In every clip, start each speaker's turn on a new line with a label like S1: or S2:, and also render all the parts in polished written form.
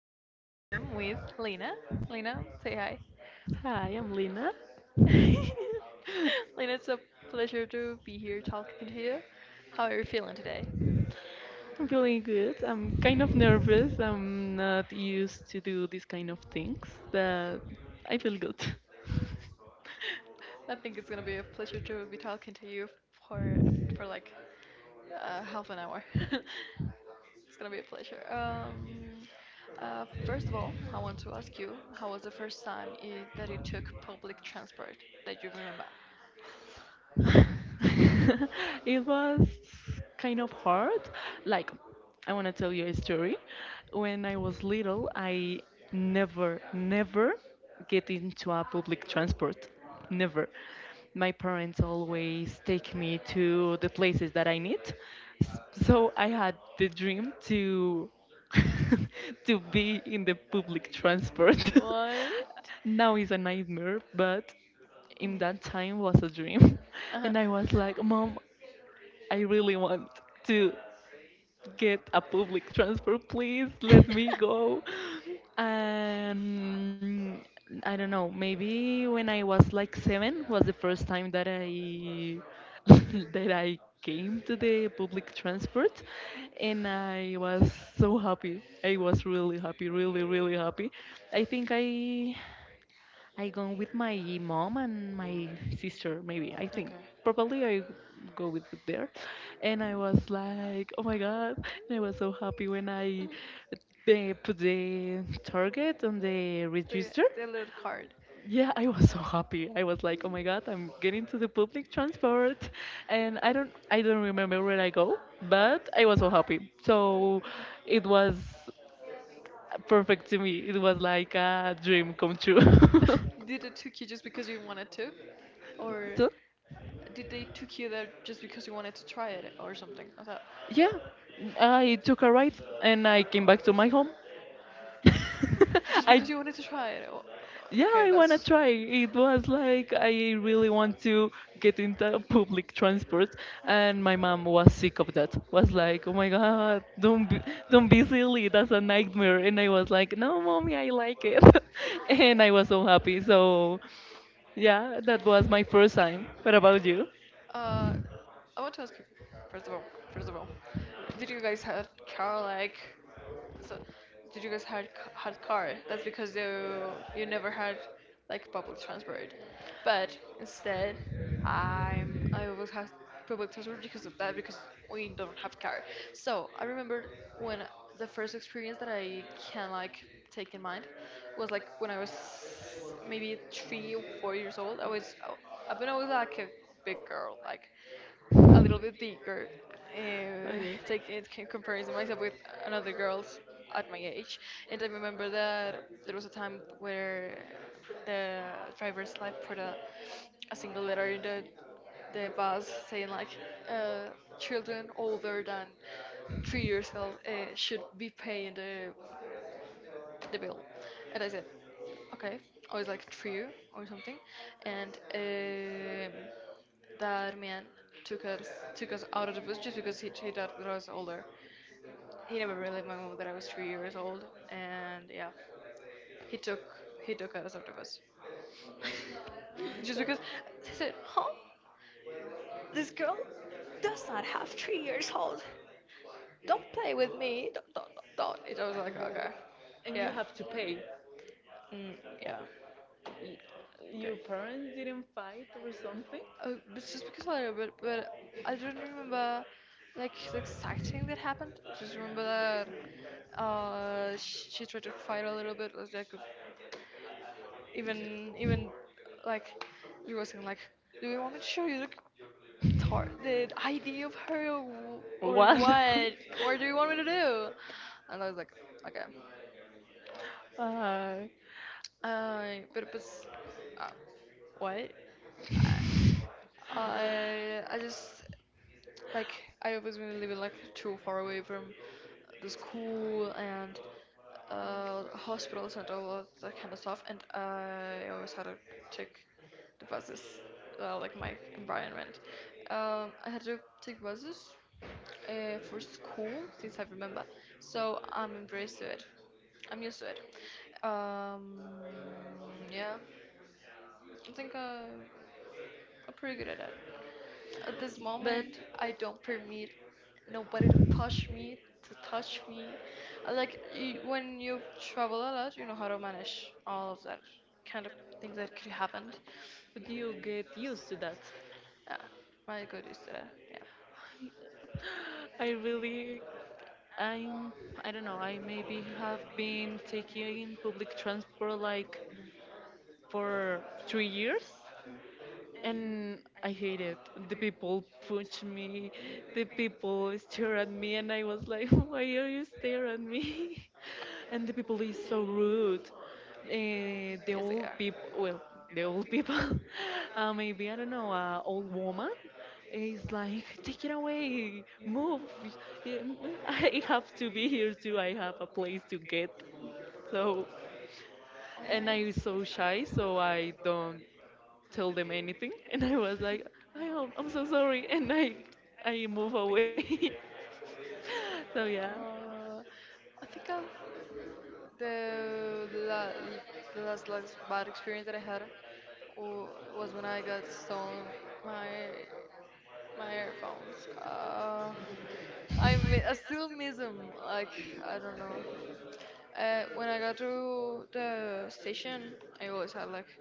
S1: here I am with Lena. Lena, say hi.
S2: Hi, I'm Lina.
S1: Lena, it's a pleasure to be here talking to you. How are you feeling today?
S2: I'm feeling good. I'm kind of nervous. I'm not used to do these kind of things, but I feel good.
S1: I think it's gonna be a pleasure to be talking to you for for like half an hour. It's gonna be a pleasure. First of all, I want to ask you, how was the first time I that you took public transport that you remember?
S2: It was kind of hard. Like, I want to tell you a story. When I was little, I never get into a public transport. Never. My parents always take me to the places that I need. So I had the dream to to be in the public transport.
S1: What?
S2: Now is a nightmare, but in
S1: Mhm.
S2: that time was a dream. And
S1: Uh-huh.
S2: I was like, Mom, I really want to get a public transport. Please
S1: Mhm.
S2: let me go. And I don't know, maybe when I was like 7 was the first time that I that I came to the public transport, and I was so happy. I was really happy, really happy. I think I go with my mom and my sister, maybe. I think
S1: Okay.
S2: probably I go with there. And I
S1: Mhm.
S2: was like, oh my god! And I was so happy when I
S1: Mhm.
S2: they put the target on the
S1: The
S2: register.
S1: the little card.
S2: Yeah, I was so happy. I was like, oh my god, I'm getting to the public transport, and I don't remember where I go, but I was so happy. So it was perfect to me. It was like a dream come true.
S1: Did it took you just because you wanted to, or did they took you there just because you wanted to try it or something? I thought
S2: Yeah, I took a ride and I came back to my home.
S1: just
S2: I
S1: because you wanted to try it.
S2: Yeah, I wanna try. It was like I really want to get into public transport, and my mom was sick of that. Was like, oh my god, don't be silly. That's a nightmare. And I was like, no, mommy, I like it, and I was so happy. So yeah, that was my first time. What about you?
S1: Uh, I want to ask you, first of all, first of all, did you guys had car like? So, did you guys had had car? That's because you never had like public transport. But instead, I always had public transport because of that because we don't have car. So I remember when the first experience that I can like take in mind was like when I was maybe 3 or 4 years old. I've been always like a big girl like a little bit bigger, take it in comparison myself with another girls at my age. And I remember that there was a time where the driver's like put a single letter in the bus saying like uh, children older than 3 years old should be paying the bill. And I said, okay. I was like three or something. And That man took us took us out of the bus just because he thought that I was older. He never really my that I was 3 years old. And yeah, he took he took us out of the bus just because I said, huh? This girl does not have 3 years old. Don't play with me. Don't, don't. Don't. I was like, okay,
S2: And you
S1: yeah,
S2: have to pay.
S1: mm, yeah,
S2: Y- Your
S1: okay.
S2: parents didn't fight or something?
S1: Oh, it's just because a little bit, but I don't remember like the exact thing that happened. Just remember that she tried to fight a little bit, like, even like she was saying like, do you want me to show you the tar the ID of her or, or
S2: What?
S1: what? What do you want me to do? And I was like, okay.
S2: Go?
S1: But uh, what? I just like I always been living like too far away from the school and hospitals and all of that kind of stuff. And I always had to take the buses, like my environment. I had to take buses for school since I remember, so I'm embraced to it. I'm used to it. Um, yeah, I think I'm pretty good at it. At this
S2: But
S1: moment, I don't permit nobody to push me, to touch me. I Like y- when you travel a lot, you know how to manage all of that kind of things that could happen.
S2: But you get used to that.
S1: Yeah, I got used to that.
S2: I really, I'm, I don't know, I maybe have been taking public transport like for three
S1: Yeah,
S2: years
S1: and
S2: and
S1: I
S2: I hate
S1: hated
S2: it.
S1: the
S2: The
S1: people
S2: people punch
S1: judging
S2: me,
S1: me, the
S2: the
S1: people
S2: people
S1: stare
S2: stare at
S1: at me,
S2: me,
S1: and
S2: and I
S1: I was
S2: was like,
S1: like,
S2: why
S1: why are
S2: are
S1: you
S2: you staring
S1: stare
S2: at
S1: at me?
S2: me? And
S1: And the
S2: the
S1: people
S2: people
S1: were
S2: is
S1: so
S2: so
S1: rude.
S2: rude. Uh, the
S1: And yes, they
S2: old
S1: are.
S2: people, well, the old people,
S1: um,
S2: maybe I don't know, a old woman is like, take it away, move. Yeah, I have to be here too. I have a place to get. So,
S1: and
S2: and
S1: I
S2: I was
S1: used to
S2: so shy, so I don't
S1: do
S2: tell them anything,
S1: anything.
S2: and I was like, I'm so sorry, and I move away.
S1: I
S2: So yeah,
S1: really Uh, I think I've The, la- the last bad experience that I had wa- was when I got stolen my my earphones. I still miss them. Like I don't know. When I got to the station, I always had like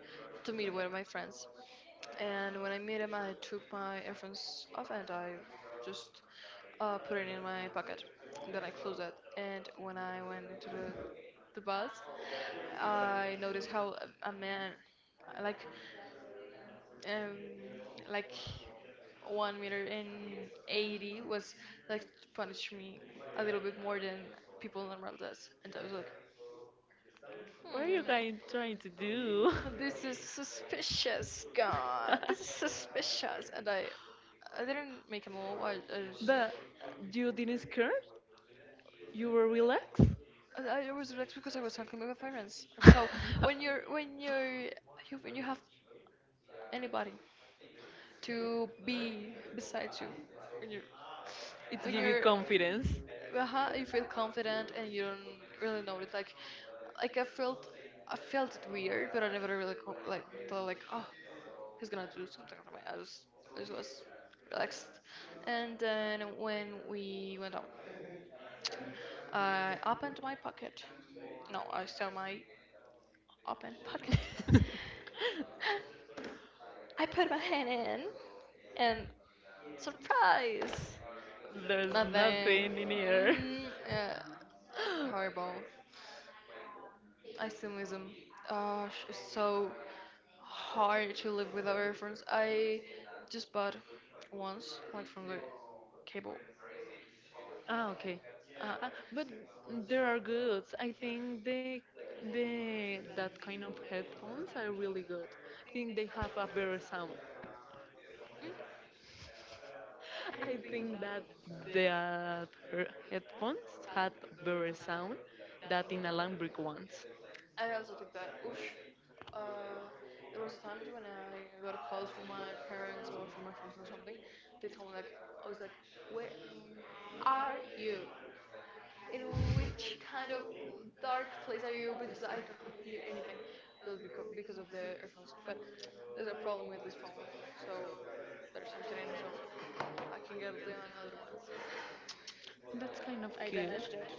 S1: to meet with my friends. And when I met him, I took my earphones off and I just put it in my pocket. And then I closed it. And when I went into the bus, I noticed how a man, like, um, like 1 meter and 80 was like to punish me a little bit more than people normal does. And I was like,
S2: what are you guys
S1: hmm.
S2: trying to do?
S1: This is suspicious, God. This is suspicious. I didn't make a move. I just,
S2: But you didn't scare, you were relaxed.
S1: and I was relaxed because I was talking with my parents. And so when you're, when you're, when you have anybody to be beside you, when you're
S2: It
S1: when
S2: give you
S1: you're
S2: confidence.
S1: you feel confident and you don't really know it, like I felt, I felt it weird, but I never really like thought like, oh, he's gonna do something to me. I just was relaxed. And then when we went out, I opened my pocket. No, I saw my open pocket. I put my hand in, and surprise,
S2: There's
S1: nothing.
S2: nothing in here.
S1: Mm, yeah, horrible Islamism. It's so hard to live without reference. I just bought once, went from the cable.
S2: Ah, okay.
S1: Uh,
S2: But there are goods. I think they that kind of headphones are really good. I think they have a better sound. I think that the her headphones had better sound than the alambic ones.
S1: I also think that, oosh, uh, there was a times when I got calls from my parents or from my friends or something. They told me like, I was like, where are you? In which kind of dark place are you? Because I don't hear anything. Just because of the earphones. But there's a problem with this phone, so there's something in, so I can get the another one.
S2: That's kind of
S1: I
S2: cute.
S1: damaged it.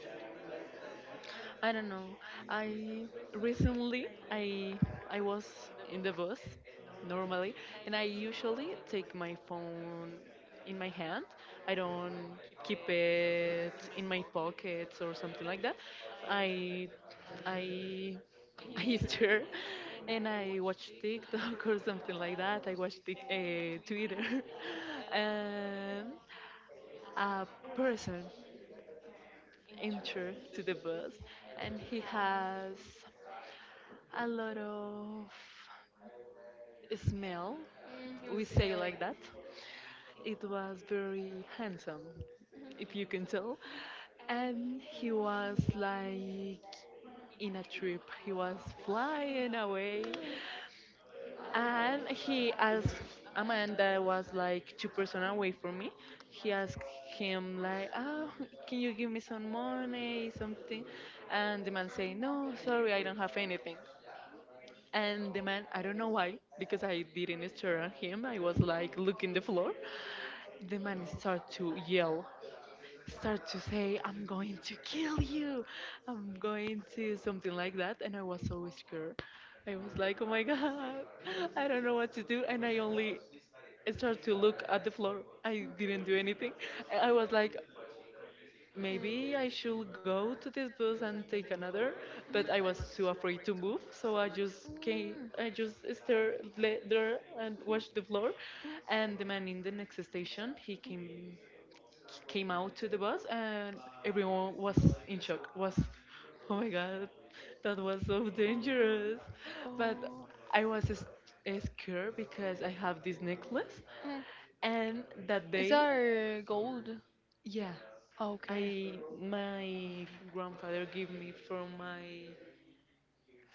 S1: I
S2: I
S1: don't
S2: don't know.
S1: know. I
S2: I recently
S1: recently I
S2: I
S1: was
S2: was
S1: on
S2: in the
S1: the bus
S2: bus
S1: normally, and
S2: normally, and I
S1: I usually
S2: usually
S1: take
S2: take
S1: my
S2: my
S1: phone in my
S2: phone in my
S1: hand.
S2: hand.
S1: I
S2: I
S1: don't
S2: don't
S1: keep
S2: keep
S1: it
S2: it
S1: in
S2: in
S1: my
S2: my
S1: pockets
S2: pockets
S1: or
S2: or something
S1: something
S2: like that.
S1: like
S2: I
S1: that.
S2: I
S1: I
S2: I
S1: I
S2: stir
S1: and
S2: and
S1: I
S2: I
S1: watch
S2: watch
S1: TikTok
S2: TikTok
S1: or
S2: or
S1: something
S2: something
S1: like
S2: like
S1: that.
S2: that.
S1: I
S2: I
S1: watch
S2: watch
S1: Twitter
S2: Twitter,
S1: and a
S2: and a person
S1: person
S2: enter
S1: entered to
S2: to
S1: the
S2: the bus
S1: bus and
S2: and
S1: he
S2: he
S1: has,
S2: has a lot of smell,
S1: mm, he
S2: we
S1: was, say like
S2: say like
S1: smelly.
S2: that. It was very handsome,
S1: Mhm. If
S2: if
S1: you
S2: you
S1: can
S2: can
S1: tell.
S2: tell.
S1: And
S2: And
S1: he
S2: he
S1: was like
S2: was
S1: in
S2: like
S1: a trip.
S2: in a trip,
S1: He
S2: he
S1: was
S2: was
S1: flying
S2: flying
S1: away.
S2: away.
S1: Mm. And
S2: And
S1: he also,
S2: he
S1: and I
S2: asked a man that
S1: was
S2: was
S1: like
S2: like two
S1: two
S2: person
S1: person
S2: away
S1: away from
S2: from me.
S1: me. He
S2: He
S1: asked
S2: asked
S1: him,
S2: him like, "Oh,
S1: can
S2: can
S1: you
S2: you give
S1: give
S2: me
S1: me
S2: some
S1: some
S2: money,
S1: money, something?
S2: something?"
S1: And
S2: And the
S1: the man
S2: man say,
S1: say, no,
S2: "No,
S1: sorry, I
S2: sorry, I don't
S1: don't
S2: have
S1: have any
S2: anything."
S1: money. And
S2: And the
S1: the man,
S2: man,
S1: I
S2: I don't
S1: don't
S2: know
S1: know why,
S2: why, because
S1: because
S2: I
S1: I didn't
S2: didn't
S1: stare
S2: stare at
S1: at
S2: him.
S1: him. I
S2: I was
S1: was like
S2: like
S1: looking
S2: looking the
S1: the floor.
S2: floor. The
S1: The man
S2: man start
S1: started to
S2: to yell,
S1: yell.
S2: start to say, I'm
S1: I'm
S2: going
S1: going
S2: to kill you, I'm going to
S1: to
S2: something
S1: something
S2: like
S1: like
S2: that.
S1: that, and
S2: And I
S1: I
S2: was
S1: was so
S2: so scared.
S1: scared. I
S2: I was
S1: was like,
S2: like, oh
S1: oh
S2: my
S1: my god,
S2: God,
S1: I
S2: I
S1: don't
S2: don't know
S1: know
S2: what
S1: what
S2: to
S1: to do,
S2: do.
S1: and
S2: And I
S1: I only
S2: only started
S1: started
S2: to
S1: to
S2: look
S1: look
S2: at
S1: at
S2: the
S1: the
S2: floor.
S1: floor. I
S2: I
S1: didn't do
S2: didn't do anything.
S1: anything.
S2: And I
S1: I was
S2: was like,
S1: like,
S2: maybe
S1: maybe
S2: I
S1: I should
S2: should
S1: go
S2: go to
S1: to
S2: this
S1: this
S2: bus
S1: bus and
S2: and take
S1: take another.
S2: another.
S1: Mhm.
S2: But
S1: But
S2: I
S1: I
S2: was
S1: was
S2: too
S1: too
S2: afraid
S1: afraid
S2: to
S1: to
S2: move.
S1: move, so
S2: So I
S1: I
S2: just
S1: just
S2: came,
S1: came. Mm.
S2: I
S1: I
S2: just
S1: just stared
S2: there
S1: there
S2: and
S1: and
S2: watched
S1: watched
S2: the
S1: the
S2: floor.
S1: floor. Mhm. And
S2: And the
S1: the
S2: man
S1: man
S2: in
S1: in
S2: the
S1: the
S2: next
S1: next station,
S2: station, he came
S1: came out
S2: out to
S1: to
S2: the
S1: the
S2: bus,
S1: bus
S2: and
S1: and
S2: everyone
S1: everyone
S2: was
S1: was
S2: in
S1: in
S2: shock,
S1: shock.
S2: was
S1: Was,
S2: oh
S1: oh
S2: my
S1: my god,
S2: god, that
S1: that
S2: was
S1: was so
S2: so dangerous.
S1: dangerous.
S2: But
S1: But, oh,
S2: i
S1: I
S2: was
S1: was
S2: s-
S1: s-
S2: scared
S1: scared
S2: because
S1: because
S2: I
S1: I
S2: have
S1: have
S2: this
S1: this
S2: necklace,
S1: necklace. Mm. And
S2: and
S1: that
S2: that day,
S1: is lady. That, gold?
S2: yeah,
S1: Yeah,
S2: I
S1: okay. My
S2: my
S1: grandmother
S2: grandfather gave
S1: gave
S2: me
S1: me
S2: for
S1: from my
S2: my
S1: my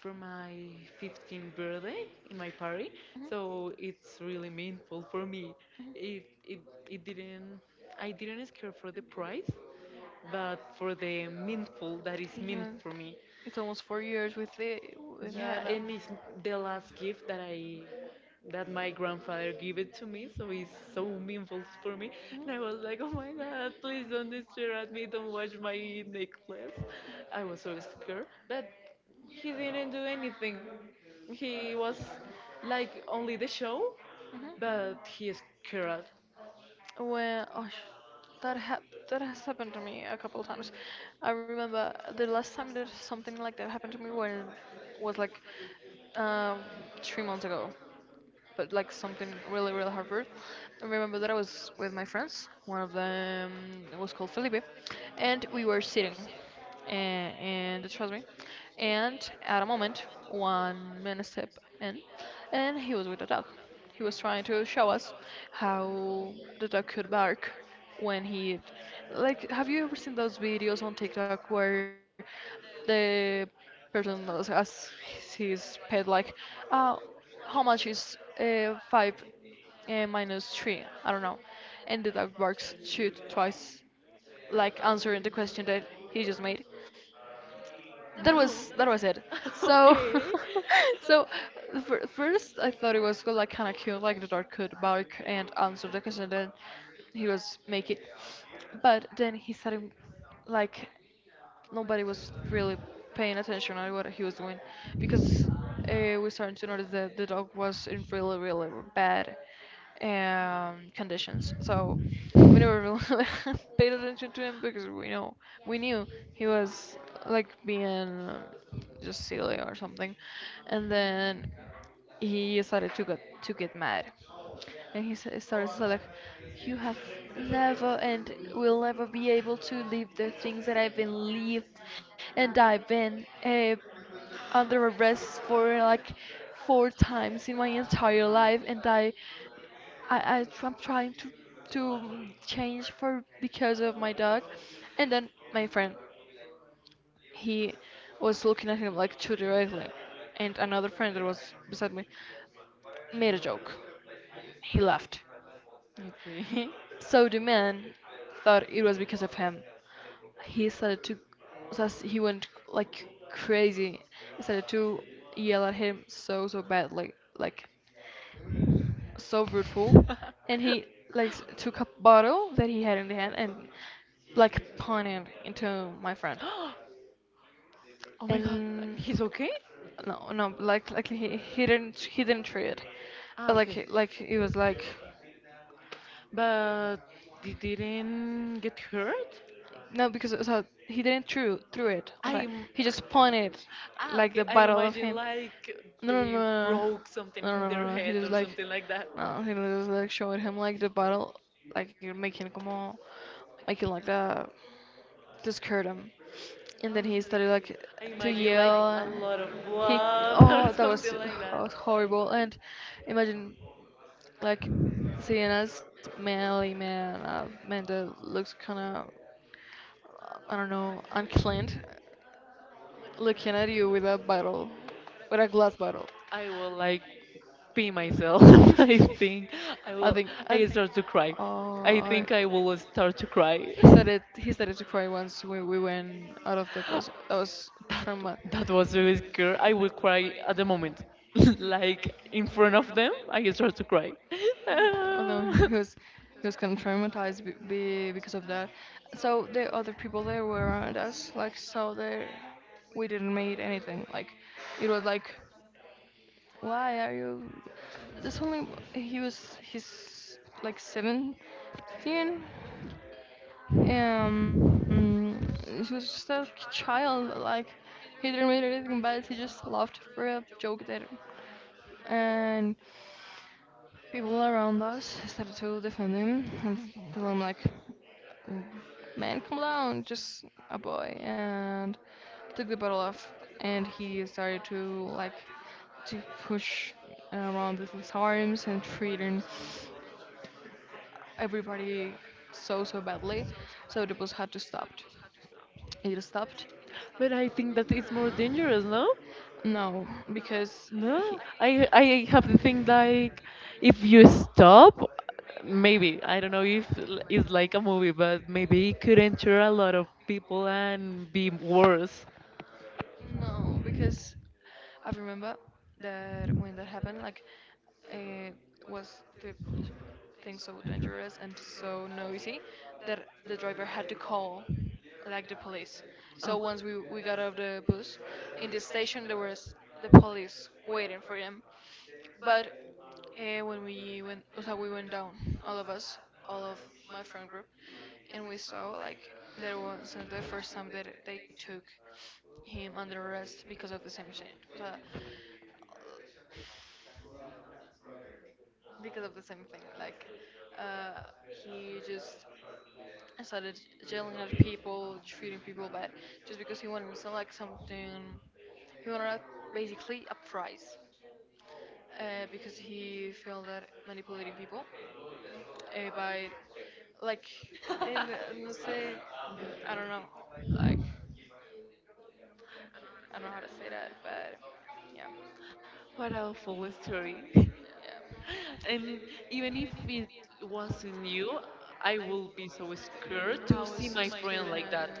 S2: for my 15th
S1: 15th birthday
S2: birthday in
S1: in
S2: my
S1: my
S2: party,
S1: party. Mhm. So
S2: so
S1: it's
S2: it's really
S1: really
S2: meaningful
S1: meaningful
S2: for
S1: for me.
S2: me.
S1: Mhm.
S2: It
S1: It
S2: it,
S1: it
S2: it
S1: it didn't,
S2: didn't, I
S1: I
S2: didn't
S1: didn't
S2: scare
S1: scare,
S2: for the price,
S1: uh.
S2: but for the meaningful that is meant
S1: Yeah.
S2: for me.
S1: It's almost 4 years with the with
S2: Yeah, and it's the last gift that
S1: that
S2: I
S1: I
S2: that my grandfather
S1: so
S2: gave it to me, so it's so
S1: so.
S2: meaningful for me.
S1: Mhm.
S2: And I was like,
S1: Like,
S2: oh my god, please
S1: oh
S2: don't stare at me, don't watch my necklace. I was so
S1: so
S2: scared, but he didn't do anything. He was like only the
S1: like.
S2: show, but he
S1: Mhm.
S2: scared.
S1: Well, oh, that has happened to me a couple times. I remember the last time that something like that happened to me was like, um, 3 months ago, but like something really, really hard Harvard. I remember that I was with my friends. One of them was called Felipe, and we were sitting in the trust me. And at a moment, one man stepped in, and he was with a dog. He was trying to show us how the dog could bark when he, like, have you ever seen those videos on TikTok where the person as his pet like, oh, how much is 5 minus 3? I don't know. And the dog barks two twice, like answering the question that he just made.
S2: No.
S1: That was it. So,
S2: Okay. So
S1: so f first I thought it was like kind of cute, like the dog could bark and answer the question that he was making. But then he started like nobody was really paying attention on what he was doing because we started to notice that the dog was in really, really bad conditions. So we never really paid attention to him because we knew he was like being uh, just silly or something, and then he started to get mad. And he started to say like, "You have never and will never be able to live the things that I've been lived, and I've been under arrest for like four times in my entire life, and I'm trying to change for because of my dog." And then my friend, he was looking at him like too directly, and another friend that was beside me made a joke. He laughed.
S2: okay.
S1: So the man thought it was because of him. He started to, so as he went like crazy. He started to yell at him so badly, like, so brutal, and he like took a bottle that he had in the hand and like pointed into my friend.
S2: Oh my god,
S1: And
S2: he's okay?
S1: no, no, like he, he didn't try it,
S2: Ah,
S1: but like
S2: okay.
S1: like it was like.
S2: But they didn't get hurt?
S1: No, because it was he didn't threw it. Like
S2: I'm.
S1: he just pointed,
S2: Ah,
S1: like the
S2: okay. I
S1: barrel of
S2: imagine
S1: him.
S2: like
S1: No, no, no,
S2: they
S1: no,
S2: broke something
S1: no,
S2: in
S1: no, no,
S2: their
S1: no, no, he
S2: head
S1: just
S2: or
S1: like,
S2: something like that.
S1: no, he just like showed him like the barrel, like you're making como, making like that, to scare him, and then he started like
S2: I
S1: to
S2: imagine like a
S1: yell.
S2: lot of
S1: He,
S2: blood or
S1: oh,
S2: something like
S1: that
S2: that.
S1: was horrible. And imagine like seeing as manly man, a man that looks kind of, I don't know, uncleaned, looking at you with a bottle, with a glass bottle.
S2: I will like pee myself. I think I
S1: I
S2: will.
S1: think. I,
S2: I
S1: th-
S2: start to cry.
S1: oh,
S2: I
S1: I,
S2: think I will start to cry.
S1: He started to cry once when we went out of the bus. That was
S2: That
S1: trauma.
S2: that was very scary. I will cry at the moment, like in front of them. I start to cry.
S1: Oh no, he was kind of traumatized because of that. So the other people there were around us, like so there, we didn't make anything. Like it was like, why are you? This only he's like 17. He was just a child. Like he didn't make anything bad. He just laughed for a joke there, and people around us started to defend him and tell him like, "Mm, man, come down, just a boy," and took the bottle off. And he started to like to push around with his arms and treating everybody so badly. So the bus had to stop. It
S2: But I
S1: stopped,
S2: think that it's more dangerous, no?
S1: no,
S2: No,
S1: because
S2: I
S1: he,
S2: I have the thing like if you stop, maybe I don't know if it's like a movie, but maybe it could enter a lot of people and be worse.
S1: no, because I remember that when that happened, like it was the thing so dangerous and so noisy that the driver had to call like the police. So once we got off the bus, in the station there was the police waiting for him,
S2: Okay.
S1: but when we went, o sea, we went down, all of us, all of my friend group, and we saw like there was the first time that they took him under arrest because of the same shit, uh, because of the same thing. Like uh, he just started yelling at people, treating people bad, just because he wanted to like something. He wanted basically a prize, because he felt that manipulating people by like in no sé, I don't know, like I don't know how to say that, but yeah,
S2: What awful story.
S1: yeah,
S2: And even if it wasn't you, I will be so scared
S1: I
S2: to
S1: was so
S2: see my
S1: scared and
S2: friend like that,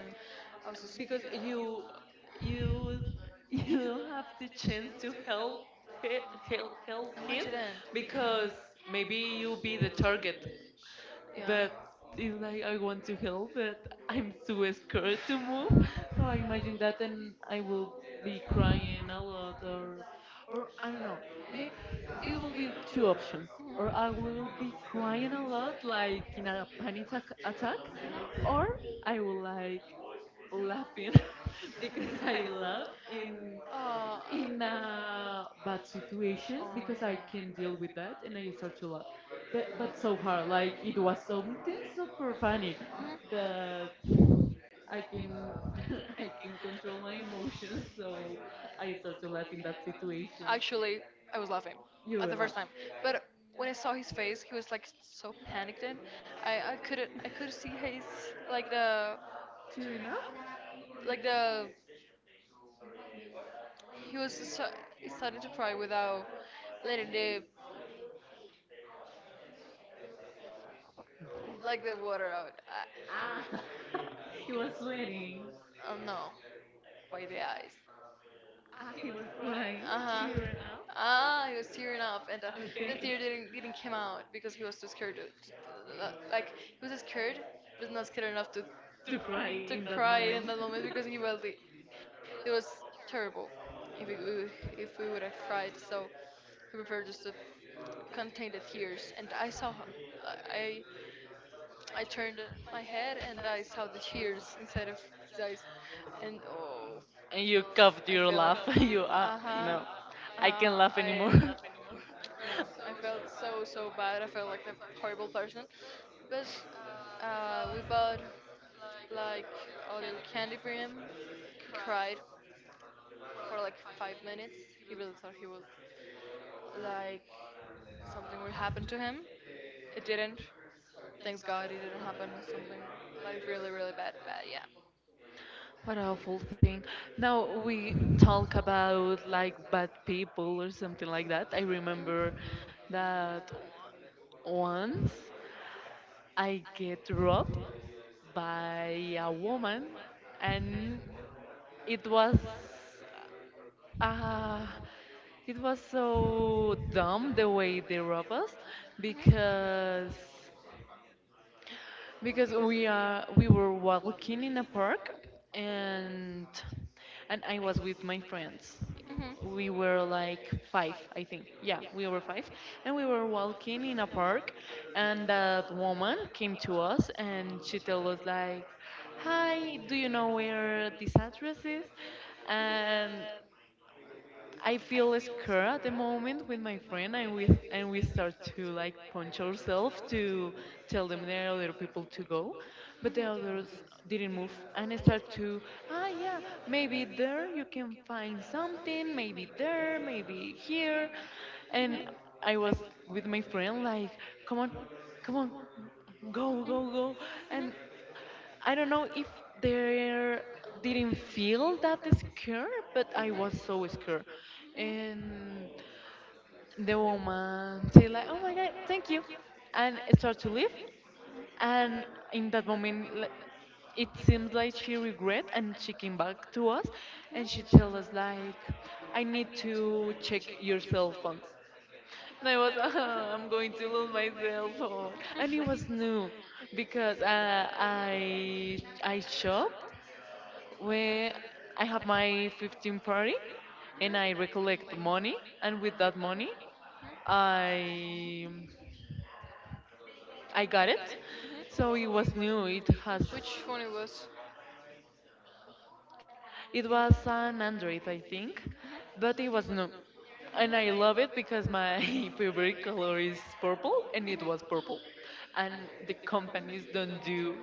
S1: I was so scared.
S2: because you you don't have the chance
S1: Chance to
S2: to
S1: help
S2: help
S1: it,
S2: he-
S1: help
S2: help
S1: help. No, I him
S2: him,
S1: didn't, because
S2: because maybe
S1: maybe you'll
S2: you'll be
S1: be
S2: the
S1: the
S2: target.
S1: target. Yeah,
S2: But
S1: but
S2: it's
S1: it's
S2: like
S1: like I
S2: I
S1: will,
S2: want to help, but
S1: but I'm
S2: I'm
S1: so,
S2: too scared to move.
S1: because I
S2: So I imagine
S1: imagine that
S2: that,
S1: then
S2: and I
S1: I
S2: will
S1: will be
S2: be
S1: crying
S2: crying a
S1: a
S2: lot,
S1: lot, or
S2: or
S1: I
S2: I don't
S1: don't
S2: know.
S1: know. May
S2: May
S1: it
S2: it will
S1: will be
S2: be
S1: two
S2: two options,
S1: options. Or
S2: or I
S1: I
S2: will
S1: will be
S2: be
S1: crying
S2: crying
S1: a
S2: a lot,
S1: lot
S2: like
S1: like in
S2: in
S1: a
S2: a
S1: panic attack,
S2: attack,
S1: or
S2: or
S1: I
S2: I
S1: will
S2: will like
S1: like
S2: laughing
S1: laughing
S2: because
S1: because I
S2: I laugh
S1: love in,
S2: in
S1: oh, in a bad
S2: bad
S1: situations,
S2: situations
S1: oh my, because
S2: because
S1: I
S2: I
S1: can
S2: can
S1: deal
S2: deal with
S1: with
S2: that
S1: that and
S2: and
S1: I
S2: I
S1: start
S2: start
S1: to
S2: to laugh.
S1: laugh. But,
S2: But,
S1: but
S2: but so
S1: so far,
S2: hard, like
S1: like it
S2: it
S1: was
S2: was
S1: so,
S2: something
S1: it's super
S2: super
S1: funny.
S2: funny
S1: God.
S2: that
S1: The I
S2: I
S1: can
S2: can
S1: I
S2: I
S1: can
S2: can control
S1: control my
S2: my
S1: emotions,
S2: emotions,
S1: so
S2: so
S1: I
S2: I
S1: start
S2: start to
S1: to laugh
S2: laugh
S1: in
S2: in that
S1: that situation.
S2: situation.
S1: Actually, I was laughing. You
S2: You
S1: at the
S2: will
S1: were first
S2: laugh.
S1: time, laughing, but when I saw his face, he was like so panicked, and I couldn't, I could see his like the, tearing
S2: Cheering up?
S1: up? Like the he was so, he's starting to cry without letting the like the water out. I,
S2: Ah,
S1: ah, he
S2: he
S1: was
S2: was
S1: sweating.
S2: sweating.
S1: I don't know why the eyes. Ah,
S2: Ah, he was crying,
S1: uh huh.
S2: tearing up.
S1: Ah, he was tearing up, and the,
S2: Okay.
S1: okay, tear didn't come out because he was too scared. Like he was scared, but not scared enough to. To
S2: To cry
S1: cry to in
S2: in
S1: that
S2: that
S1: cry moment. In
S2: moment.
S1: that moment because he was the, it was terrible. If we, if we would have cried, so he preferred just to contain the tears. And I saw her, I turned my head and I saw the tears inside of his eyes, and oh, I
S2: And you
S1: felt,
S2: coughed your laugh.
S1: uh-huh.
S2: you
S1: Uh,
S2: no, I
S1: I,
S2: can't laugh anymore.
S1: no, I felt so so bad. I felt like a horrible person. But we bought like a little candy for him. He cried for like 5 minutes. He really thought he would like something would happen to him. It didn't. Thanks God, it didn't happen. Something like really really bad bad. Yeah.
S2: What a awful thing.
S1: No,
S2: Now
S1: we
S2: we
S1: talk
S2: talk
S1: about
S2: about
S1: like
S2: like
S1: bad
S2: bad
S1: people
S2: people
S1: or
S2: or
S1: something
S2: something like
S1: like
S2: that.
S1: that.
S2: I
S1: I remember
S2: remember
S1: that it
S2: that once I get
S1: broke
S2: robbed by a woman,
S1: and
S2: and
S1: it
S2: it
S1: was
S2: was
S1: uh,
S2: uh,
S1: it
S2: it
S1: was
S2: was so
S1: so
S2: dumb the way they robbed us because
S1: because, mhm, because
S2: we were walking in a park,
S1: work and
S2: and
S1: and
S2: and I
S1: I
S2: was
S1: was,
S2: with my friends.
S1: mhm, we
S2: We were
S1: were like,
S2: like five, I
S1: I think
S2: think.
S1: yeah
S2: Yeah, we
S1: we
S2: were
S1: were five
S2: five, and
S1: and
S2: we
S1: we
S2: were
S1: were walking
S2: walking in a park,
S1: in and
S2: and that
S1: that
S2: woman came to us and
S1: and
S2: she
S1: she
S2: told
S1: told
S2: us
S1: us
S2: like,
S1: like,
S2: "Hi,
S1: "Hi,
S2: do
S1: do
S2: you
S1: you
S2: know
S1: know where
S2: where this address
S1: this
S2: is?"
S1: is?" And
S2: And I
S1: I feel
S2: feel
S1: secure
S2: scared
S1: at
S2: at the
S1: the moment
S2: moment with
S1: with my
S2: my
S1: friend,
S2: friend,
S1: and
S2: and
S1: we
S2: we start
S1: have to
S2: to like
S1: like
S2: punch
S1: punch ourselves
S2: ourselves
S1: to
S2: to tell
S1: tell them
S2: them
S1: the
S2: there are other
S1: other
S2: people
S1: people
S2: to
S1: to go,
S2: go, but
S1: but
S2: the
S1: the
S2: others
S1: others
S2: didn't
S1: didn't
S2: move,
S1: move, and
S2: and I
S1: I
S2: start
S1: started,
S2: to, ah
S1: "Ah,
S2: yeah,
S1: yeah,
S2: maybe
S1: maybe
S2: there
S1: there
S2: you
S1: you can
S2: can
S1: find
S2: find
S1: something,
S2: something, maybe
S1: maybe
S2: there,
S1: there,
S2: maybe
S1: maybe here,"
S2: here,
S1: and
S2: and I
S1: I
S2: was
S1: was
S2: with
S1: with
S2: my
S1: my
S2: friend
S1: friend,
S2: like, come
S1: "Come
S2: on,
S1: on,
S2: come
S1: come
S2: on,
S1: on, go,
S2: go
S1: go,
S2: go
S1: go,"
S2: go,
S1: and
S2: and I don't know if
S1: there
S2: there didn't
S1: didn't fear,
S2: feel that scared, but
S1: but
S2: I
S1: I was
S2: was
S1: so
S2: so scared.
S1: scared. Mhm. And
S2: And the woman say
S1: they
S2: like,
S1: like,
S2: "Oh
S1: oh
S2: my
S1: my
S2: God,
S1: god,
S2: thank
S1: thank
S2: you,"
S1: you.
S2: and start to leave.
S1: Mhm. And
S2: And in
S1: in
S2: that
S1: a,
S2: moment, like, it
S1: it
S2: seems
S1: seemed
S2: like
S1: like
S2: she
S1: she,
S2: regret and she came back to us,
S1: hmm?
S2: and
S1: And
S2: she
S1: she told
S2: tell us
S1: us like,
S2: like, "I
S1: "I
S2: need
S1: need to
S2: to check
S1: check
S2: your
S1: your
S2: cell
S1: cell phone."
S2: phones." And
S1: And
S2: I
S1: I
S2: was,
S1: was,
S2: "Ah, I'm
S1: "I'm
S2: going
S1: going
S2: to
S1: to
S2: lose
S1: lose
S2: my
S1: my
S2: cell
S1: cell phone."
S2: phone, and
S1: And
S2: it
S1: it was
S2: was
S1: true
S2: new because
S1: because
S2: uh, I
S1: I
S2: I
S1: I
S2: shop,
S1: shop where
S2: well, I
S1: I
S2: have my 15 party
S1: party, mhm,
S2: and
S1: and
S2: I
S1: like
S2: recollect money
S1: money
S2: and
S1: and,
S2: with that money
S1: mhm,
S2: I I
S1: I
S2: got
S1: got it.
S2: it.
S1: Mhm.
S2: So
S1: So
S2: it
S1: it was
S2: was
S1: new.
S2: new.
S1: It
S2: It
S1: had,
S2: has
S1: which phone it was? It
S2: It
S1: was
S2: was an
S1: an Android,
S2: Android, I
S1: I think.
S2: think,
S1: Mhm.
S2: but
S1: But,
S2: it was new.
S1: mhm,
S2: And
S1: and
S2: I
S1: I
S2: love
S1: love it
S2: it
S1: because
S2: because
S1: my
S2: my
S1: favorite
S2: favorite color
S1: color is
S2: is
S1: purple,
S2: purple,
S1: and,
S2: and
S1: mhm,
S2: it
S1: it
S2: was
S1: was purple.
S2: purple.
S1: And
S2: And the
S1: the
S2: companies
S1: companies don't
S2: don't
S1: do
S2: do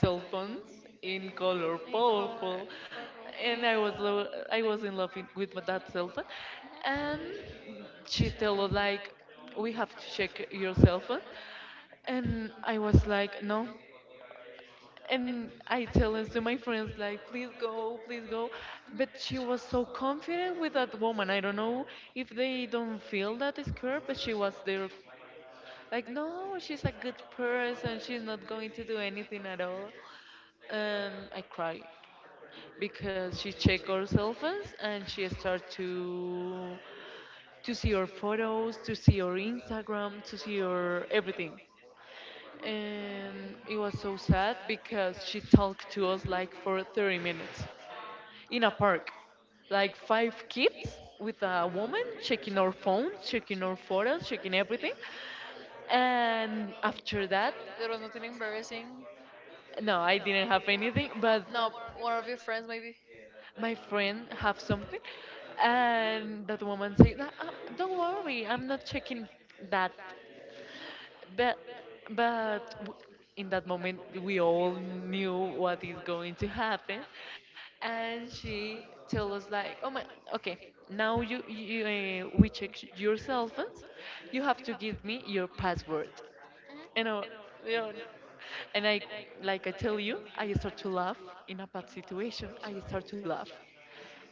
S1: cell
S2: phones
S1: phones in
S2: in
S1: color.
S2: color
S1: In color, purple.
S2: purple,
S1: Purple. And
S2: and
S1: I was like,
S2: I was in love with that
S1: mhm,
S2: cell phone. And
S1: and she
S2: she told us
S1: like,
S2: like, we
S1: "We
S2: have
S1: have to
S2: to
S1: check
S2: check your
S1: your
S2: cell
S1: cell
S2: phone,
S1: phone." And
S2: and I
S1: I was
S2: was
S1: like,
S2: like,
S1: no,
S2: no, and
S1: and
S2: I
S1: I
S2: tell
S1: tell
S2: this
S1: them
S2: to
S1: to
S2: my
S1: my
S2: friends
S1: friends
S2: like,
S1: like,
S2: please
S1: please
S2: go,
S1: go,
S2: please
S1: please
S2: go.
S1: go. Mhm.
S2: But
S1: But
S2: she
S1: she
S2: was
S1: was
S2: so
S1: so old,
S2: confident with that woman. I don't know if
S1: the
S2: they don't feel that is scared, but she
S1: a
S2: was
S1: good person.
S2: there,
S1: She's
S2: like, no,
S1: not
S2: she's a good person.
S1: going
S2: She's not
S1: to
S2: going to do
S1: do anything
S2: anything at all.
S1: else. And
S2: And I
S1: I cried
S2: cried because
S1: because
S2: she
S1: she's
S2: checked
S1: children.
S2: our cell phones and she
S1: They
S2: started
S1: start to
S2: to see
S1: see
S2: our
S1: your
S2: photos,
S1: photos,
S2: to see
S1: to
S2: our
S1: read
S2: Instagram, to see
S1: Instagram,
S2: our
S1: to
S2: everything.
S1: everything. And
S2: And it
S1: it
S2: was
S1: was
S2: so
S1: so
S2: sad
S1: sad
S2: because
S1: because
S2: she
S1: she
S2: talked
S1: talked
S2: to
S1: to
S2: us
S1: us
S2: like
S1: like
S2: for
S1: for
S2: 30
S1: 30
S2: minutes
S1: minutes
S2: in a
S1: in a
S2: park,
S1: park.
S2: like
S1: Like
S2: five
S1: five kids
S2: kids with
S1: with
S2: a
S1: a
S2: woman
S1: woman
S2: checking
S1: checking
S2: our
S1: our
S2: phones,
S1: phones,
S2: checking our
S1: checking our
S2: photos,
S1: photos,
S2: checking
S1: checking
S2: everything.
S1: everything.
S2: And
S1: And
S2: after
S1: after
S2: that,
S1: that, there was nothing embarrassing.
S2: no,
S1: No,
S2: I
S1: I
S2: didn't have
S1: didn't do
S2: anything,
S1: anything.
S2: but
S1: No, one of your friends maybe.
S2: my
S1: My
S2: friend
S1: friend
S2: have
S1: have
S2: something.
S1: somebody.
S2: And
S1: And okay,
S2: that
S1: I
S2: woman said, "Ah,
S1: say, "Ah,
S2: ah, don't
S1: ah, don't
S2: worry,
S1: worry,
S2: I'm
S1: I'm
S2: not
S1: not
S2: checking
S1: checking
S2: that."
S1: that."
S2: But but
S1: But,
S2: w-
S1: but
S2: in that
S1: that
S2: moment
S1: moment
S2: we
S1: we
S2: all
S1: all
S2: knew
S1: knew
S2: what
S1: what
S2: is
S1: is
S2: going to
S1: going to
S2: happen,
S1: happen,
S2: and
S1: and she
S2: she told us
S1: told us
S2: like, oh
S1: like,
S2: my,
S1: oh my,
S2: okay,
S1: okay,
S2: now
S1: now
S2: you
S1: you,
S2: you we check
S1: we checked
S2: your
S1: your
S2: cell
S1: cell
S2: phones,
S1: phones,
S2: you have
S1: you
S2: to
S1: have to
S2: give
S1: give
S2: me your
S1: your
S2: password.
S1: password,
S2: and I,
S1: you know,
S2: you know,
S1: you know.
S2: and I
S1: And I
S2: like I
S1: like I
S2: tell
S1: tell
S2: you,
S1: you,
S2: I
S1: I
S2: start to
S1: start to
S2: laugh
S1: laugh
S2: in a
S1: in
S2: bad
S1: a bad
S2: situation.
S1: situation,
S2: I
S1: I
S2: start to
S1: start to
S2: laugh,
S1: laugh,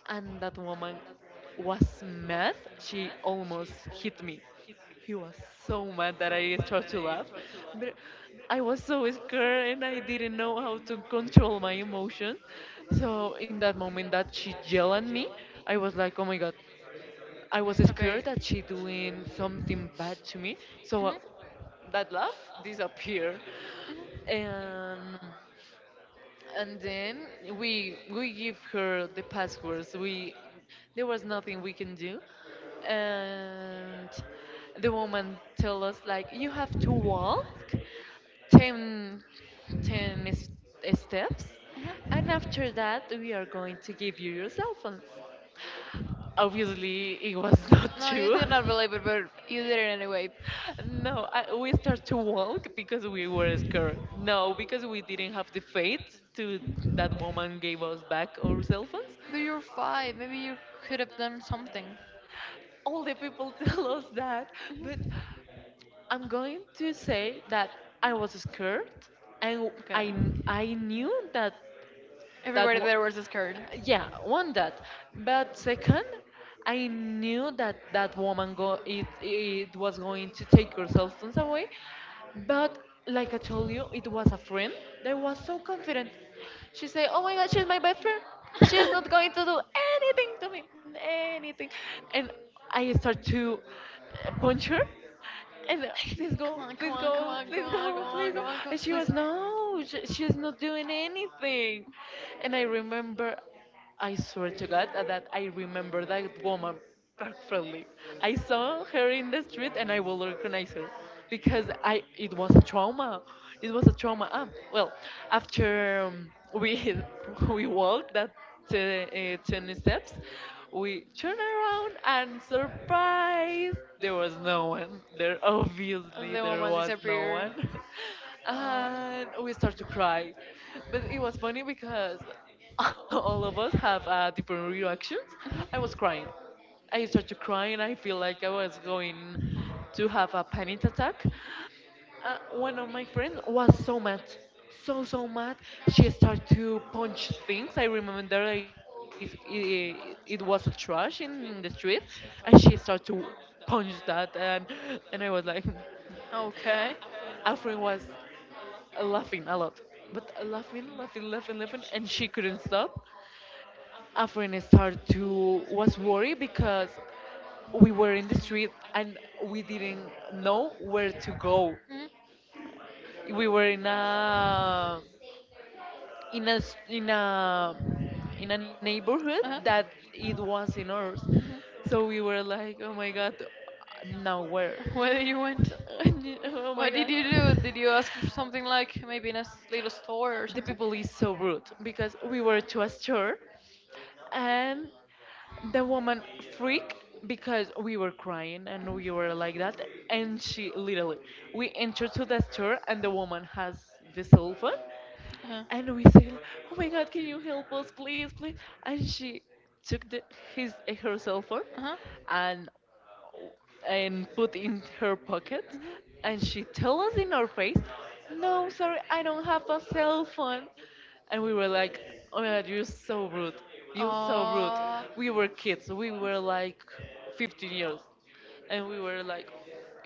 S2: and that
S1: that
S2: woman
S1: woman
S2: was
S1: was so
S2: mad.
S1: mad,
S2: She almost
S1: almost
S2: hit
S1: hit
S2: me.
S1: me.
S2: He was
S1: He was
S2: so
S1: so
S2: mad that
S1: mad that
S2: I
S1: I
S2: started to
S1: start to
S2: laugh.
S1: laugh,
S2: But
S1: but
S2: I was so
S1: so
S2: scared and I
S1: scared and
S2: didn't know
S1: know
S2: how to
S1: how to do
S2: control my
S1: my
S2: emotion.
S1: emotions. So
S2: So in that
S1: in that
S2: moment
S1: moment
S2: that
S1: that
S2: she
S1: she
S2: yelled at
S1: yelled at
S2: me,
S1: me,
S2: I was like, oh my God. I was
S1: okay,
S2: scared that she doing something bad to me.
S1: mhm,
S2: So
S1: so I,
S2: that
S1: that
S2: laugh
S1: love
S2: disappeared.
S1: disappeared. Mhm. And then we give
S2: And
S1: as
S2: and then
S1: possibilities. We
S2: we give
S1: give
S2: her the passwords. We
S1: like
S2: There was nothing we can do. And the woman tell us like, you have to walk ten ten 10
S1: like
S2: s- steps,
S1: you have, you have
S2: and
S1: to take steps. Mhm. You have to work
S2: after that we
S1: towards
S2: are going to
S1: yourself and
S2: give you your cell phones.
S1: you have to.
S2: Obviously it was not
S1: No, you
S2: true.
S1: did not believe it, but you did it anyway.
S2: No, we start to walk because we were scared. No, because we didn't have the faith to that woman gave us back our cell phones.
S1: But you're five. Maybe you could have done something.
S2: All the people tell us that, but I'm going to say that I was scared, and
S1: Okay.
S2: I knew that that
S1: Everybody
S2: wa-
S1: there was scared.
S2: yeah, one that, but second, I knew that that woman go it it was going to take her cell phones away. But like I told you, it was a friend that was so confident. She said, "Oh my God, she's my best friend. She's not going to do anything to me, anything." And I start to punch her. And please
S1: Come
S2: go,
S1: on, come
S2: please
S1: on, come
S2: go,
S1: on, come
S2: please
S1: on, go
S2: go,
S1: on,
S2: please
S1: go
S2: go.
S1: on, go on,
S2: And she was,
S1: please.
S2: no, she's not doing anything. And I remember, I swear to God that I remember that woman perfectly. I saw her in the street and I will recognize her because I it was a trauma. It was a trauma. Ah, well, after we we walked that 10 steps, we turned around and
S1: Surprise.
S2: surprise, there was no one. There Obviously
S1: The
S2: there
S1: woman
S2: was no
S1: disappeared.
S2: one.
S1: Uh,
S2: And we start to cry, but it was funny because all of us have different reactions. I was crying. I started to cry and I feel like I was going to have a panic attack. One of my friends was so mad, so mad. She started to punch things. I remember it was a trash in the street, and she started to
S1: Mhm.
S2: punch that, and I was like,
S1: Mhm. Okay.
S2: our friend was laughing a lot, but laughing, laughing, laughing, laughing, and she couldn't stop. A friend started to was worried because we were in the street and we didn't know where to go.
S1: Mhm.
S2: We were in a in a s- in a in a neighborhood
S1: Uh-huh.
S2: that it was in ours,
S1: Mhm.
S2: so we were like, oh my God, now where?
S1: Where did you went?
S2: Oh my
S1: What
S2: God,
S1: did you do? Did you ask for something like maybe in a little store or
S2: the
S1: something?
S2: people is so rude because we were to a store, and the woman freaked because we were crying and we were like that. And she literally, we entered to the store, and the woman has the cell phone,
S1: Uh-huh.
S2: and we said, oh my God, can you help us, please, please? And she took the, his her cell phone
S1: Uh-huh.
S2: and and put in her pocket, and she told us in our face, no, sorry, I don't have a cell phone. And we were like, oh my God, you're so rude, you're so rude,
S1: Mhm.
S2: we were kids, we were like 15 years,
S1: Oh.
S2: and we were like,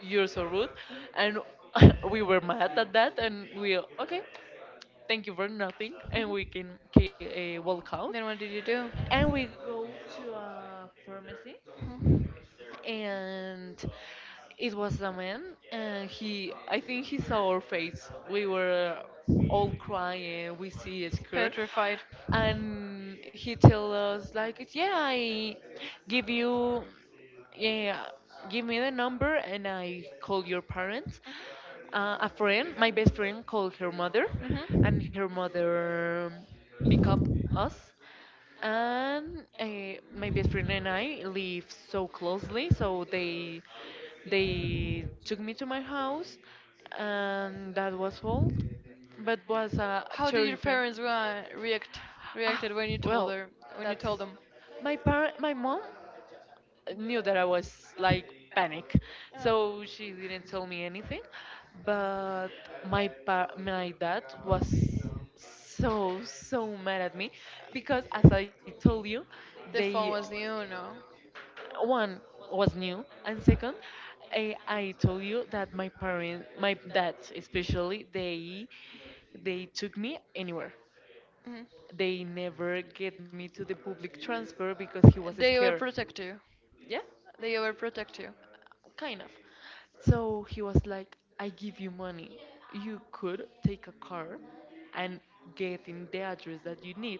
S2: you're so rude. And we were mad at that, and we, okay, thank you for nothing, and
S1: Mhm.
S2: we can walk out.
S1: Then what did you do?
S2: And we go to a pharmacy,
S1: Mhm.
S2: and it was a man, and he I think he saw our face, we were all crying, we see a scar,
S1: Petrified.
S2: and he tell us like, yeah, I give you yeah, give me the number and I call your parents. A friend My best friend called her mother,
S1: Mhm.
S2: and
S1: Mhm.
S2: her mother pick up us, and my best friend and I live so closely, so they took me to my house, and that was all. But was a
S1: How did your
S2: terrifying.
S1: parents
S2: Ah,
S1: reacted when you told
S2: well,
S1: her, when
S2: that
S1: you
S2: is
S1: told them?
S2: my parent, my mom knew that I was like panic,
S1: Uh-huh.
S2: so she didn't tell me anything. But my dad was so mad at me because, as I told you,
S1: The
S2: they
S1: phone was new, no?
S2: one was new and second, I told you that my dad especially, they took me anywhere,
S1: Mhm.
S2: they never get me to the public transport because he was
S1: They
S2: scared.
S1: overprotect you.
S2: Yeah.
S1: They overprotect you. Kind
S2: Kind of.
S1: of. So
S2: So he
S1: he
S2: was
S1: was like, I
S2: like, I give
S1: give
S2: you
S1: you what
S2: money.
S1: you could,
S2: You
S1: cover, and he
S2: could
S1: gave it. If I
S2: take a
S1: give you
S2: car
S1: money, then you want
S2: and
S1: to
S2: get in
S1: pay
S2: the address that you
S1: the
S2: need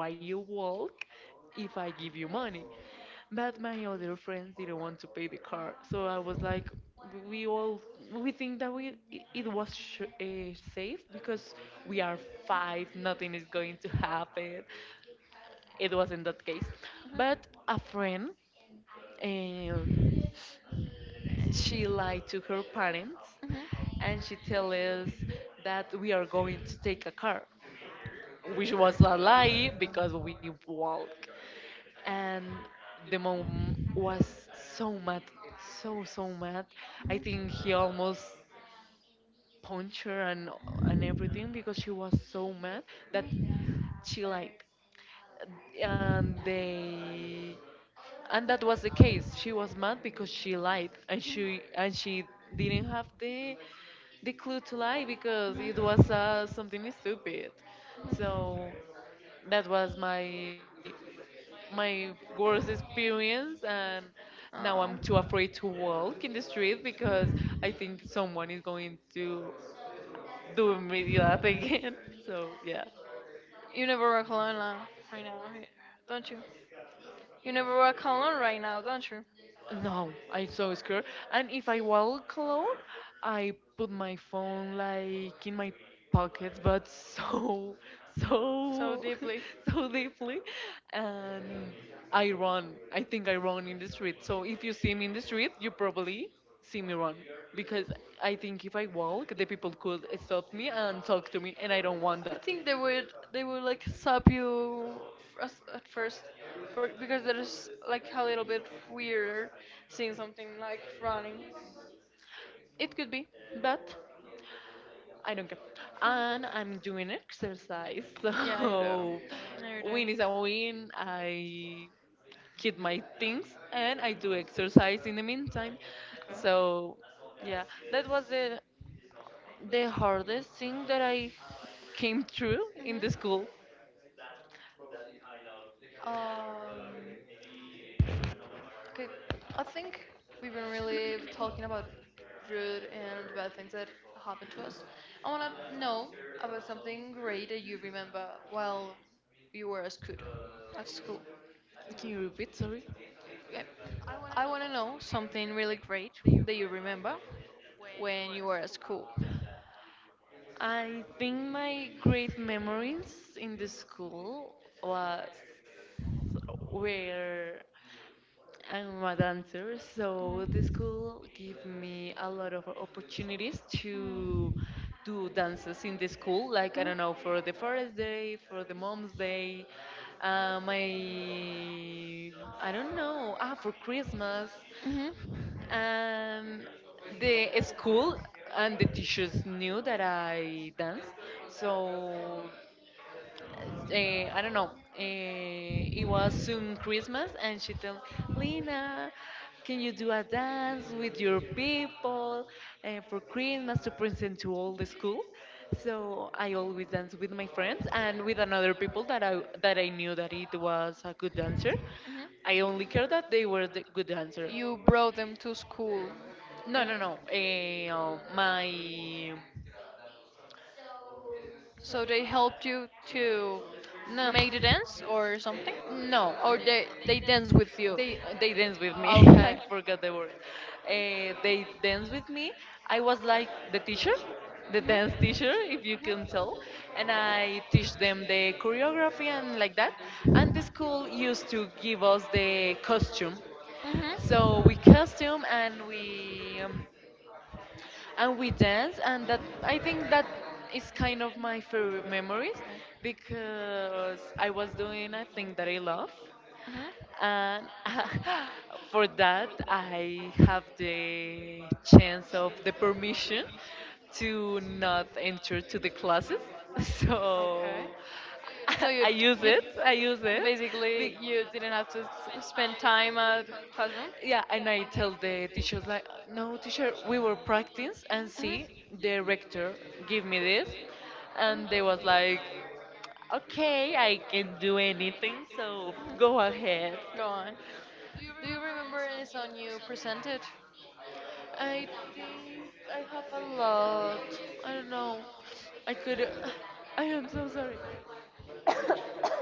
S1: car.
S2: you walk,
S1: So I was
S2: if I give you money.
S1: like, oh, I
S2: But my other friends didn't want to pay the car. So I was like,
S1: pay
S2: we
S1: for
S2: all we
S1: it,
S2: think that it was safe because
S1: and
S2: we
S1: yeah,
S2: are
S1: it's fine.
S2: five, nothing is going to happen. It wasn't that case, but a friend uh, she lied to her parents,
S1: Mhm.
S2: and she tell us that we are going to take a car, which was a lie because we walk. And the mom was so mad, so mad. I
S1: Mhm.
S2: think
S1: Mhm.
S2: he almost punched her, and everything, because she was so mad that
S1: Mhm. Mhm.
S2: she lied, and they and that was the case she was mad because she lied and she didn't have the clue to lie because it was something stupid. So that was my my worst experience, and now I'm
S1: Oh.
S2: too afraid to walk in the street because I think someone is going to do me that
S1: Mhm.
S2: again. So yeah.
S1: You never walk alone, right now, right? Don't you? You never walk alone, right now, don't you?
S2: No, I'm so scared. And if I walk alone, I put my phone like in my pocket, but so,
S1: So
S2: so,
S1: deeply.
S2: so deeply, and I run. I think I run in the street. So if you see me in the street, you probably see me run because I think if
S1: I
S2: I walk, the people could stop me and talk to me, and I don't want that,
S1: think they would like stop you first, at first for, because there is
S2: like
S1: like a
S2: a
S1: little
S2: little bit
S1: bit
S2: weird
S1: weirder
S2: seeing
S1: seeing
S2: something
S1: something
S2: like
S1: like running.
S2: running. It could be, but I don't care. And I'm doing exercise,
S1: But yes, I, yeah, you
S2: so
S1: do. No, you
S2: win is
S1: do.
S2: a win. I keep my things and I do exercise in the meantime.
S1: Okay.
S2: So yeah, that was the hardest thing that I came
S1: So,
S2: through
S1: mhm,
S2: in the school.
S1: Um, okay, I think we've been really talking about rude and bad things that happened to us. I want to know about something great that you remember while you were at school. At school.
S2: Can you repeat? Sorry.
S1: Okay. I want to know something really great that you remember when you were at school.
S2: I think my great memories in the school was where I'm a dancer, so the school gave me a lot of opportunities to do dances in the school, like I don't know, for the forest day, for the mom's day, my I don't know, ah, for Christmas.
S1: Mhm. Mm.
S2: Um, the school and the teachers knew that I danced, so I don't know. It was soon Christmas, and she told Lina, "Can you do a dance with your people for Christmas to present to all the school?" So I always dance with my
S1: Mhm.
S2: friends and
S1: Mhm.
S2: with another people that I knew that it was a good dancer.
S1: Mhm.
S2: I only care that they were the good dancer.
S1: You brought them to school, eh?
S2: No, no, no. Eh, my
S1: So they helped you to
S2: No,
S1: make the dance or something?
S2: no.
S1: Or they dance with you?
S2: They dance with me.
S1: Okay.
S2: I forgot the word. They dance with me. I was like the teacher, the dance teacher, if you can tell, and I teach them the choreography and like that. And the school used to give us the costume,
S1: Mhm. Mhm. Mhm.
S2: so we costume, and we dance, and that, I think, that is kind of my favorite memories because I was doing a thing that I love,
S1: Hmm.
S2: and for that I have the chance of the permission to not enter to the classes.
S1: Okay.
S2: So
S1: So
S2: i
S1: you d-
S2: use it i use it
S1: basically you
S2: Be-
S1: didn't have to spend time at classroom.
S2: yeah, and I tell the teachers like, no, teacher, we were practice, and see, the rector give me this, and they was like, okay, I can do
S1: Hmm.
S2: anything, so go
S1: Mhm.
S2: ahead.
S1: Go on. Do you remember any song you presented?
S2: I think I have a lot, I don't know, I could, I am so sorry,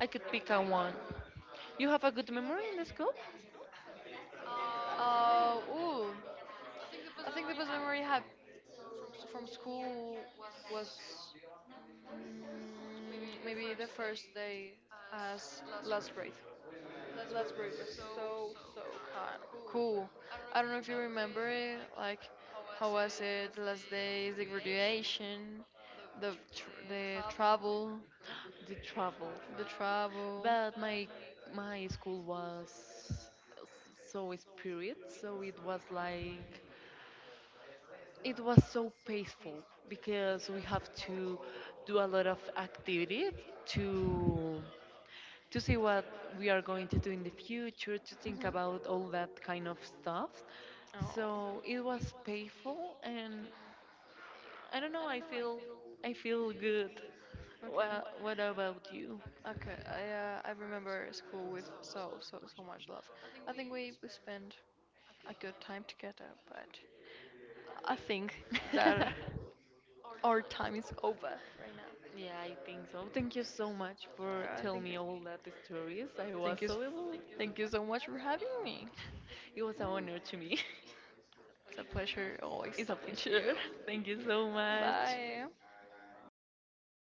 S2: I could pick a one. You have a good memory in the school?
S1: Ooh, I think the best memory I have from school was, mm, maybe the first day as last grade. Last breed was so so kind. Cool. I don't know if you remember it. Like, how was it? The last days, the graduation, the travel,
S2: The travel.
S1: the travel.
S2: But my school was so spirit, so it was like, it was so peaceful because we have to do a lot of activities to to see what we are going to do in the future, to
S1: Mhm.
S2: think about all that kind of stuff.
S1: Oh.
S2: So it was
S1: And
S2: painful, and I
S1: I
S2: don't
S1: don't
S2: know,
S1: know.
S2: I
S1: I feel
S2: feel good.
S1: weird. Okay. when
S2: Well, what
S1: when
S2: about you?
S1: okay, I, I remember school with so so so much love. I think we spent a good time together, but I think that our time is over right now.
S2: Yeah, I think so. Thank you so much for
S1: Thank you,
S2: telling me all that stories. I
S1: thank you,
S2: was so emo-
S1: thank you so much for having me.
S2: It was an honor to me.
S1: It's a pleasure always talking
S2: It's a
S1: to you.
S2: pleasure. Thank you so
S1: Bye.
S2: much.